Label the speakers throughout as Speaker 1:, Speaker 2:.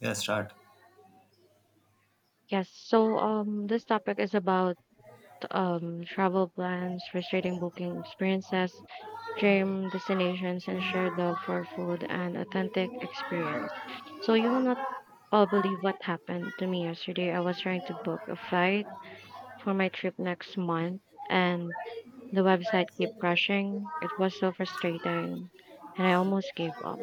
Speaker 1: Yeah, start.
Speaker 2: Yes, so this topic is about travel plans, frustrating booking experiences, dream destinations, and shared love for food and authentic experience. So you will not all believe what happened to me yesterday. I was trying to book a flight for my trip next month, and the website kept crashing. It was so frustrating, and I almost gave up.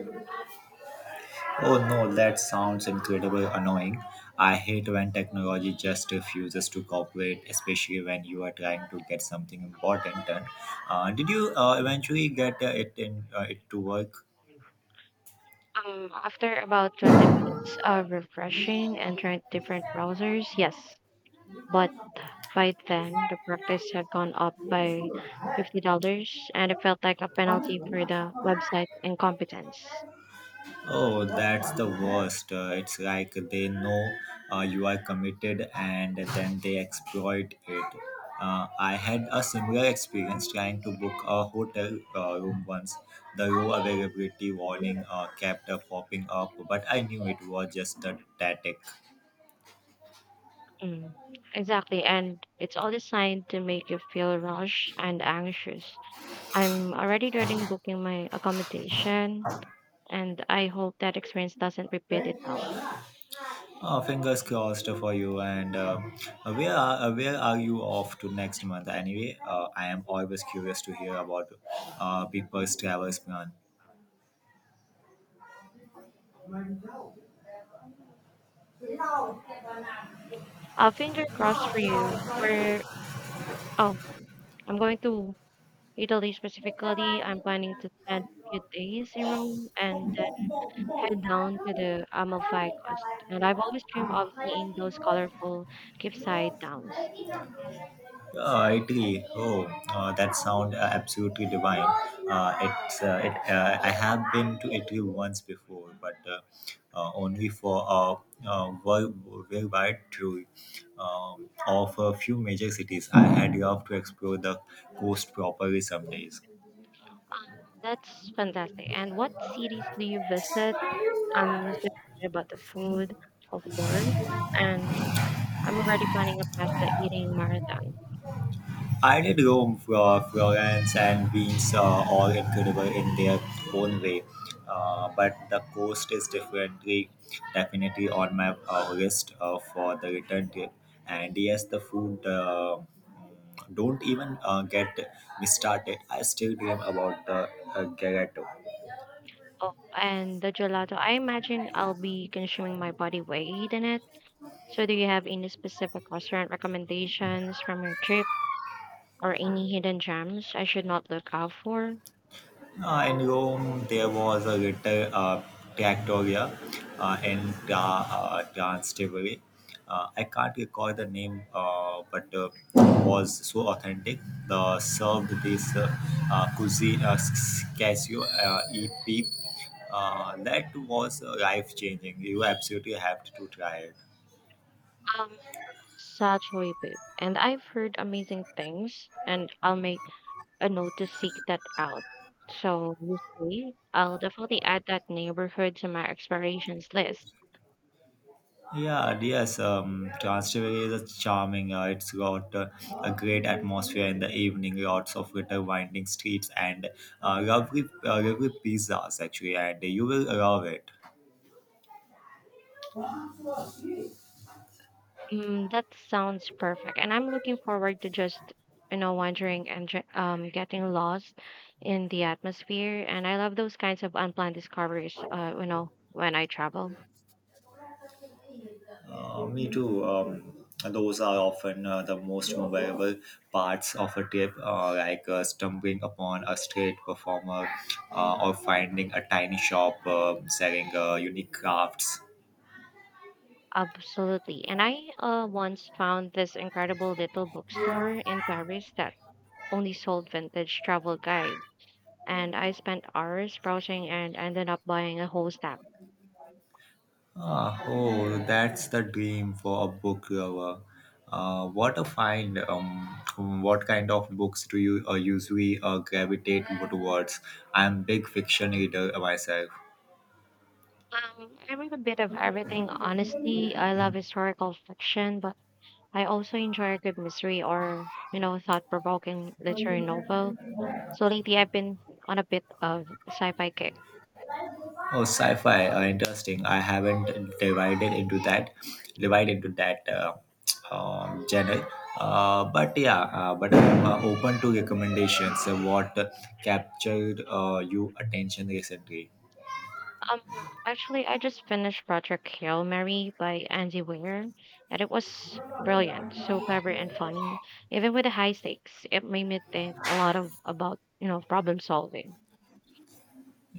Speaker 1: Oh no, that sounds incredibly annoying. I hate when technology just refuses to cooperate, especially when you are trying to get something important done. Did you eventually get it to work?
Speaker 2: After about 20 minutes of refreshing and trying different browsers, yes. But by then, the practice had gone up by $50, and it felt like a penalty for the website's incompetence.
Speaker 1: Oh, that's the worst. It's like they know you are committed and then they exploit it. I had a similar experience trying to book a hotel room once. The row availability warning kept popping up, but I knew it was just a tactic.
Speaker 2: Mm. Exactly, and it's all designed to make you feel rushed and anxious. I'm already dreading booking my accommodation, and I hope that experience doesn't repeat itself.
Speaker 1: Fingers crossed for you. And where are you off to next month? Anyway, I am always curious to hear about people's travels plan.
Speaker 2: Finger crossed for you. Oh, I'm going to Italy specifically. I'm planning to spend a few days in Rome and head down to the Amalfi Coast, and I've always dreamed of seeing those colorful cliffside towns.
Speaker 1: Uh, I Oh, that sound absolutely divine. I have been to Italy once before, but only for a uh, world- worldwide tour of a few major cities. I had loved to explore the coast properly some days.
Speaker 2: That's fantastic. And what cities do you visit? I'm so excited about the food, of course, and I'm already planning a pasta eating marathon.
Speaker 1: I did Rome, Florence, and Venice are all incredible in their own way. But the coast is definitely on my list for the return trip. And yes, the food. Don't even get me started. I still dream about the gelato.
Speaker 2: Oh, and the gelato. I imagine I'll be consuming my body weight in it. So, do you have any specific restaurant recommendations from your trip or any hidden gems I should not look out for?
Speaker 1: In Rome, there was a little trattoria in Trastevere. I can't recall the name, but was so authentic. The served this cuisine, casio EP. That was life changing. You absolutely have to try it.
Speaker 2: Um, Satchel Babe. And I've heard amazing things, and I'll make a note to seek that out. So you see, I'll definitely add that neighborhood to my explorations list.
Speaker 1: Yeah, yes. Trastevere is a charming. It's got a great atmosphere in the evening. Lots of little winding streets and lovely pizzas actually, and you will love it.
Speaker 2: Mm, that sounds perfect, and I'm looking forward to just wandering and getting lost in the atmosphere. And I love those kinds of unplanned discoveries. You know when I travel.
Speaker 1: Me too. Those are often the most memorable parts of a trip, like stumbling upon a street performer or finding a tiny shop selling unique crafts.
Speaker 2: Absolutely. And I once found this incredible little bookstore in Paris that only sold vintage travel guides, and I spent hours browsing and ended up buying a whole stack.
Speaker 1: Oh, that's the dream for a book lover. What a find! What kind of books do you usually gravitate towards? I'm a big fiction reader myself.
Speaker 2: I read a bit of everything, honestly. I love historical fiction, but I also enjoy a good mystery or, you know, thought provoking literary novel. So lately, I've been on a bit of sci fi kick.
Speaker 1: Oh, sci-fi, interesting. I haven't divided into that, divided into that genre. But I'm open to recommendations. What captured you attention recently?
Speaker 2: Um, actually, I just finished Project Hail Mary by Andy Weir, and it was brilliant, so clever and funny. Even with the high stakes, it made me think a lot of about problem solving.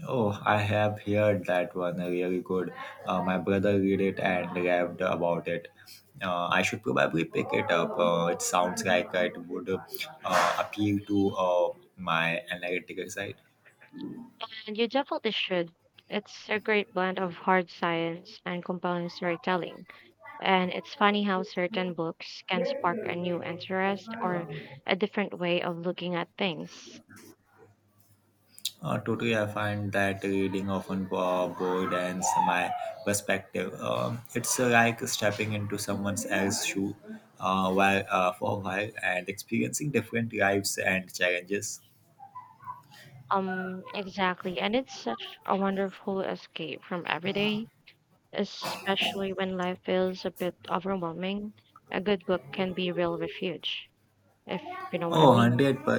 Speaker 1: Oh, I have heard that one really good. My brother read it and raved about it. I should probably pick it up. It sounds like it would appeal to my analytical side.
Speaker 2: And you definitely should. It's a great blend of hard science and compelling storytelling. And it's funny how certain books can spark a new interest or a different way of looking at things.
Speaker 1: Totally, I find that reading often broadens my perspective. It's like stepping into someone else's shoe for a while and experiencing different lives and challenges.
Speaker 2: Exactly. And it's such a wonderful escape from everyday, especially when life feels a bit overwhelming, a good book can be real refuge, if what I
Speaker 1: Oh,
Speaker 2: mean.
Speaker 1: 100 per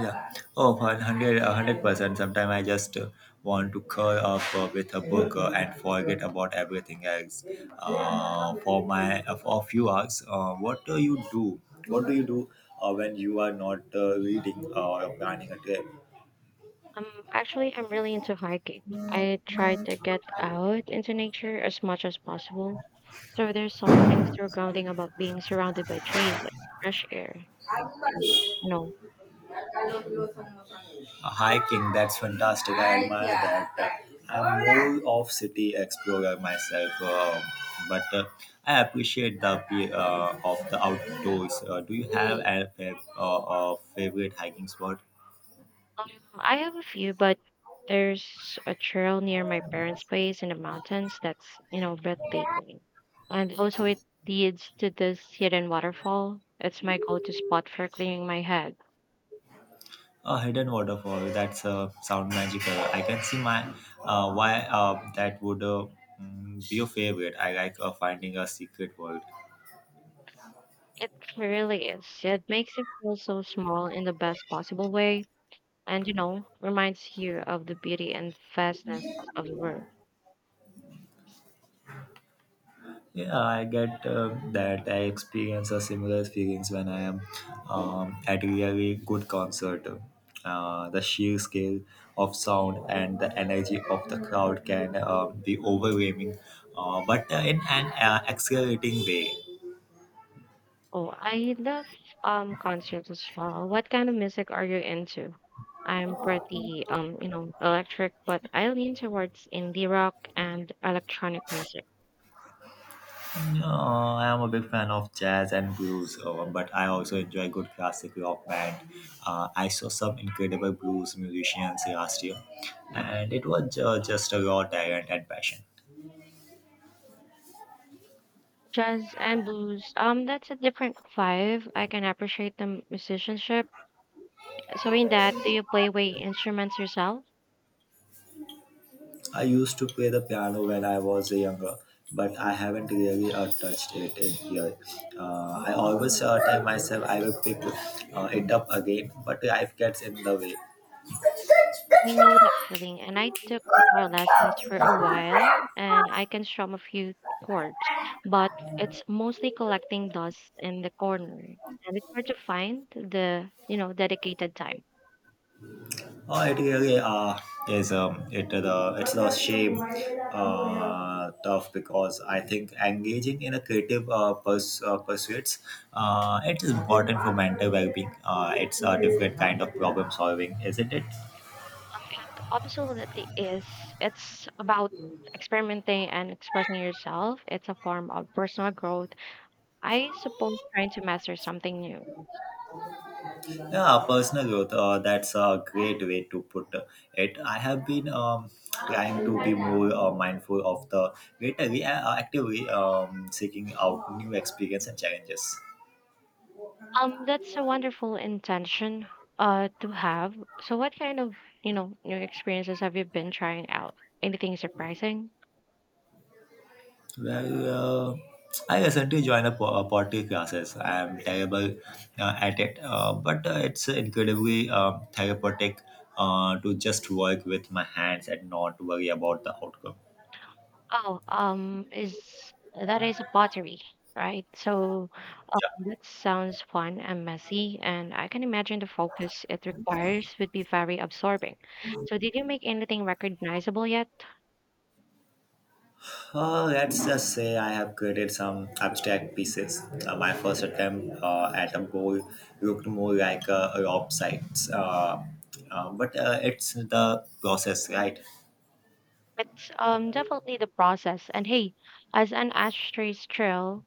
Speaker 1: yeah. Oh, 100%. Sometimes I just want to curl up with a book and forget about everything else for a few hours. What do you do? What do you do when you are not reading or planning a trip?
Speaker 2: Um, actually, I'm really into hiking. I try to get out into nature as much as possible. So there's something so grounding about being surrounded by trees and fresh air. You know,
Speaker 1: Hiking, that's fantastic. I admire that. I'm more of city explorer myself, but I appreciate the appeal of the outdoors. Do you have a, a favorite hiking spot?
Speaker 2: Um, I have a few, but there's a trail near my parents' place in the mountains that's, you know, breathtaking. And also it leads to this hidden waterfall. It's my go-to spot for clearing my head.
Speaker 1: A hidden waterfall. That's sound magical. I can see my why that would be your favorite. I like finding a secret world.
Speaker 2: It really is. It makes you feel so small in the best possible way and, you know, reminds you of the beauty and vastness of the world.
Speaker 1: Yeah, I get that. I experience a similar feelings when I am at really good concert. The sheer scale of sound and the energy of the crowd can be overwhelming, but in an exhilarating way.
Speaker 2: Oh, I love concerts as well. What kind of music are you into? I'm pretty you know, electric, but I lean towards indie rock and electronic music.
Speaker 1: I am a big fan of jazz and blues, but I also enjoy good classic rock band. I saw some incredible blues musicians last year, and it was just a raw talent and passion.
Speaker 2: Jazz and blues, that's a different vibe. I can appreciate the musicianship. So in that, do you play way instruments yourself?
Speaker 1: I used to play the piano when I was younger, but I haven't really touched it in years. I always tell myself I will pick it up again, but life gets in the way.
Speaker 2: I know that feeling, and I took guitar lessons for a while, and I can strum a few chords, but it's mostly collecting dust in the corner, and it's hard to find the, you know, dedicated time.
Speaker 1: Oh, it really is it the It's the shame tough because I think engaging in a creative pursuits it is important for mental well-being. It's a different kind of problem solving, isn't it?
Speaker 2: It absolutely is. It's about experimenting and expressing yourself. It's a form of personal growth. I suppose trying to master something new.
Speaker 1: Yeah, personal growth. That's a great way to put it. I have been trying to be more mindful of the greater, actively seeking out new experience and challenges.
Speaker 2: That's a wonderful intention to have. So what kind of, you know, new experiences have you been trying out? Anything surprising?
Speaker 1: Well, I recently joined a, a pottery classes. I am terrible at it, but it's incredibly therapeutic to just work with my hands and not worry about the outcome.
Speaker 2: Oh, is that is a pottery, right? So um,
Speaker 1: Yeah.
Speaker 2: that sounds fun and messy, and I can imagine the focus it requires would be very absorbing. So did you make anything recognizable yet?
Speaker 1: Let's just say I have created some abstract pieces. My first attempt at a goal looked more like a rob site, uh, but it's the process, right?
Speaker 2: It's definitely the process. And hey, as an ashtray trail,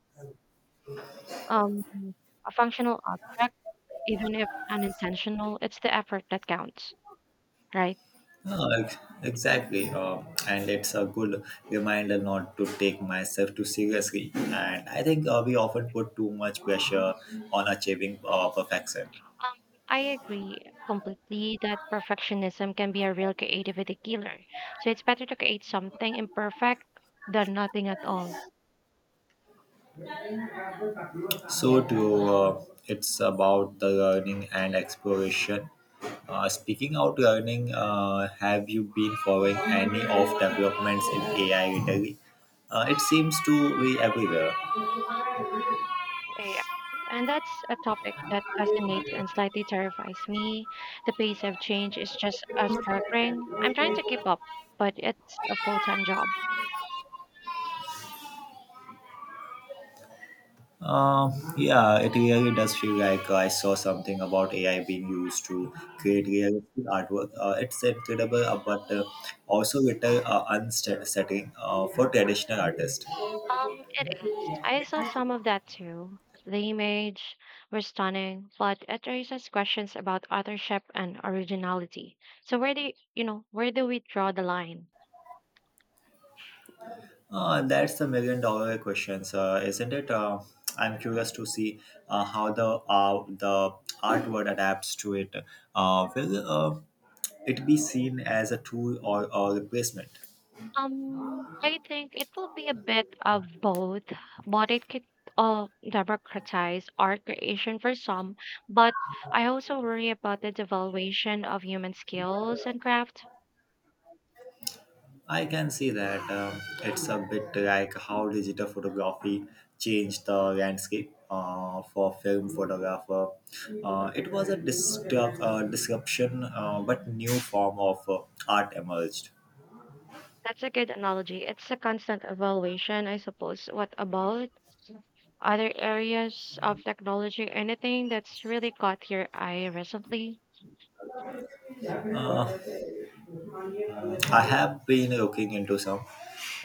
Speaker 2: um, a functional object. Even if unintentional, it's the effort that counts, right?
Speaker 1: Uh, ex- exactly, and it's a good reminder not to take myself too seriously. And I think we often put too much pressure on achieving perfection.
Speaker 2: Um, I agree completely that perfectionism can be a real creativity killer. So it's better to create something imperfect than nothing at all.
Speaker 1: So true. It's about the learning and exploration. Speaking out learning, have you been following any of developments in AI lately? It seems to be everywhere.
Speaker 2: Eh, And that's a topic that fascinates and slightly terrifies me. The pace of change is just a staggering. I'm trying to keep up, but it's a full time job.
Speaker 1: Uh, yeah, it really does feel like I saw something about AI being used to create realistic artwork. It's incredible, but also little unsettling for traditional artists.
Speaker 2: It is. I saw some of that too. The images were stunning, but it raises questions about authorship and originality. So where do you, you know where do we draw the line?
Speaker 1: That's the million-dollar questions, isn't it? I'm curious to see how the art world adapts to it. Will it be seen as a tool or a replacement?
Speaker 2: I think it will be a bit of both, but it could democratize art creation for some. But I also worry about the devaluation of human skills and craft.
Speaker 1: I can see that it's a bit like how digital photography changed the landscape for film photographer. It was a disruption, but new form of art emerged.
Speaker 2: That's a good analogy. It's a constant evaluation, I suppose. What about? Other areas of technology, anything that's really caught your eye recently?
Speaker 1: Uh, I have been looking into some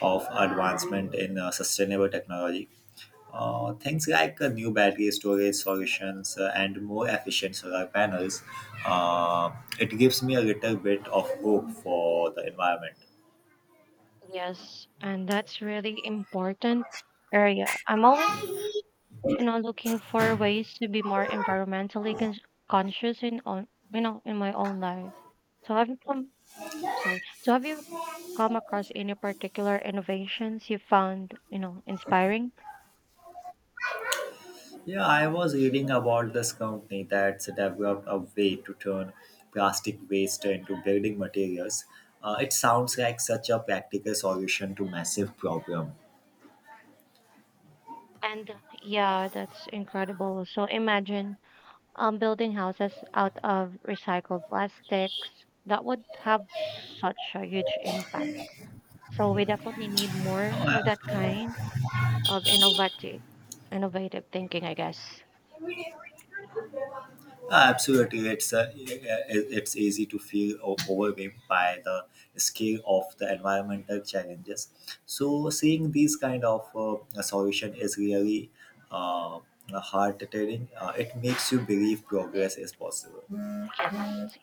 Speaker 1: of advancement in sustainable technology. Things like new battery storage solutions and more efficient solar panels. Uh, it gives me a little bit of hope for the environment.
Speaker 2: Yes, and that's really important area. I'm always, you know, looking for ways to be more environmentally conscious in on, you know, in my own life. So have you come, sorry. So have you come across any particular innovations you found, you know, inspiring?
Speaker 1: Yeah, I was reading about this company that's developed a way to turn plastic waste into building materials. It sounds like such a practical solution to massive problem.
Speaker 2: And yeah, that's incredible. So imagine building houses out of recycled plastics, that would have such a huge impact. So we definitely need more of that kind of innovative thinking, I guess.
Speaker 1: Absolutely, it's it's easy to feel overwhelmed by the scale of the environmental challenges. So, seeing these kind of solution is really uh, heart-tearing. It makes you believe progress is possible.
Speaker 2: Yes,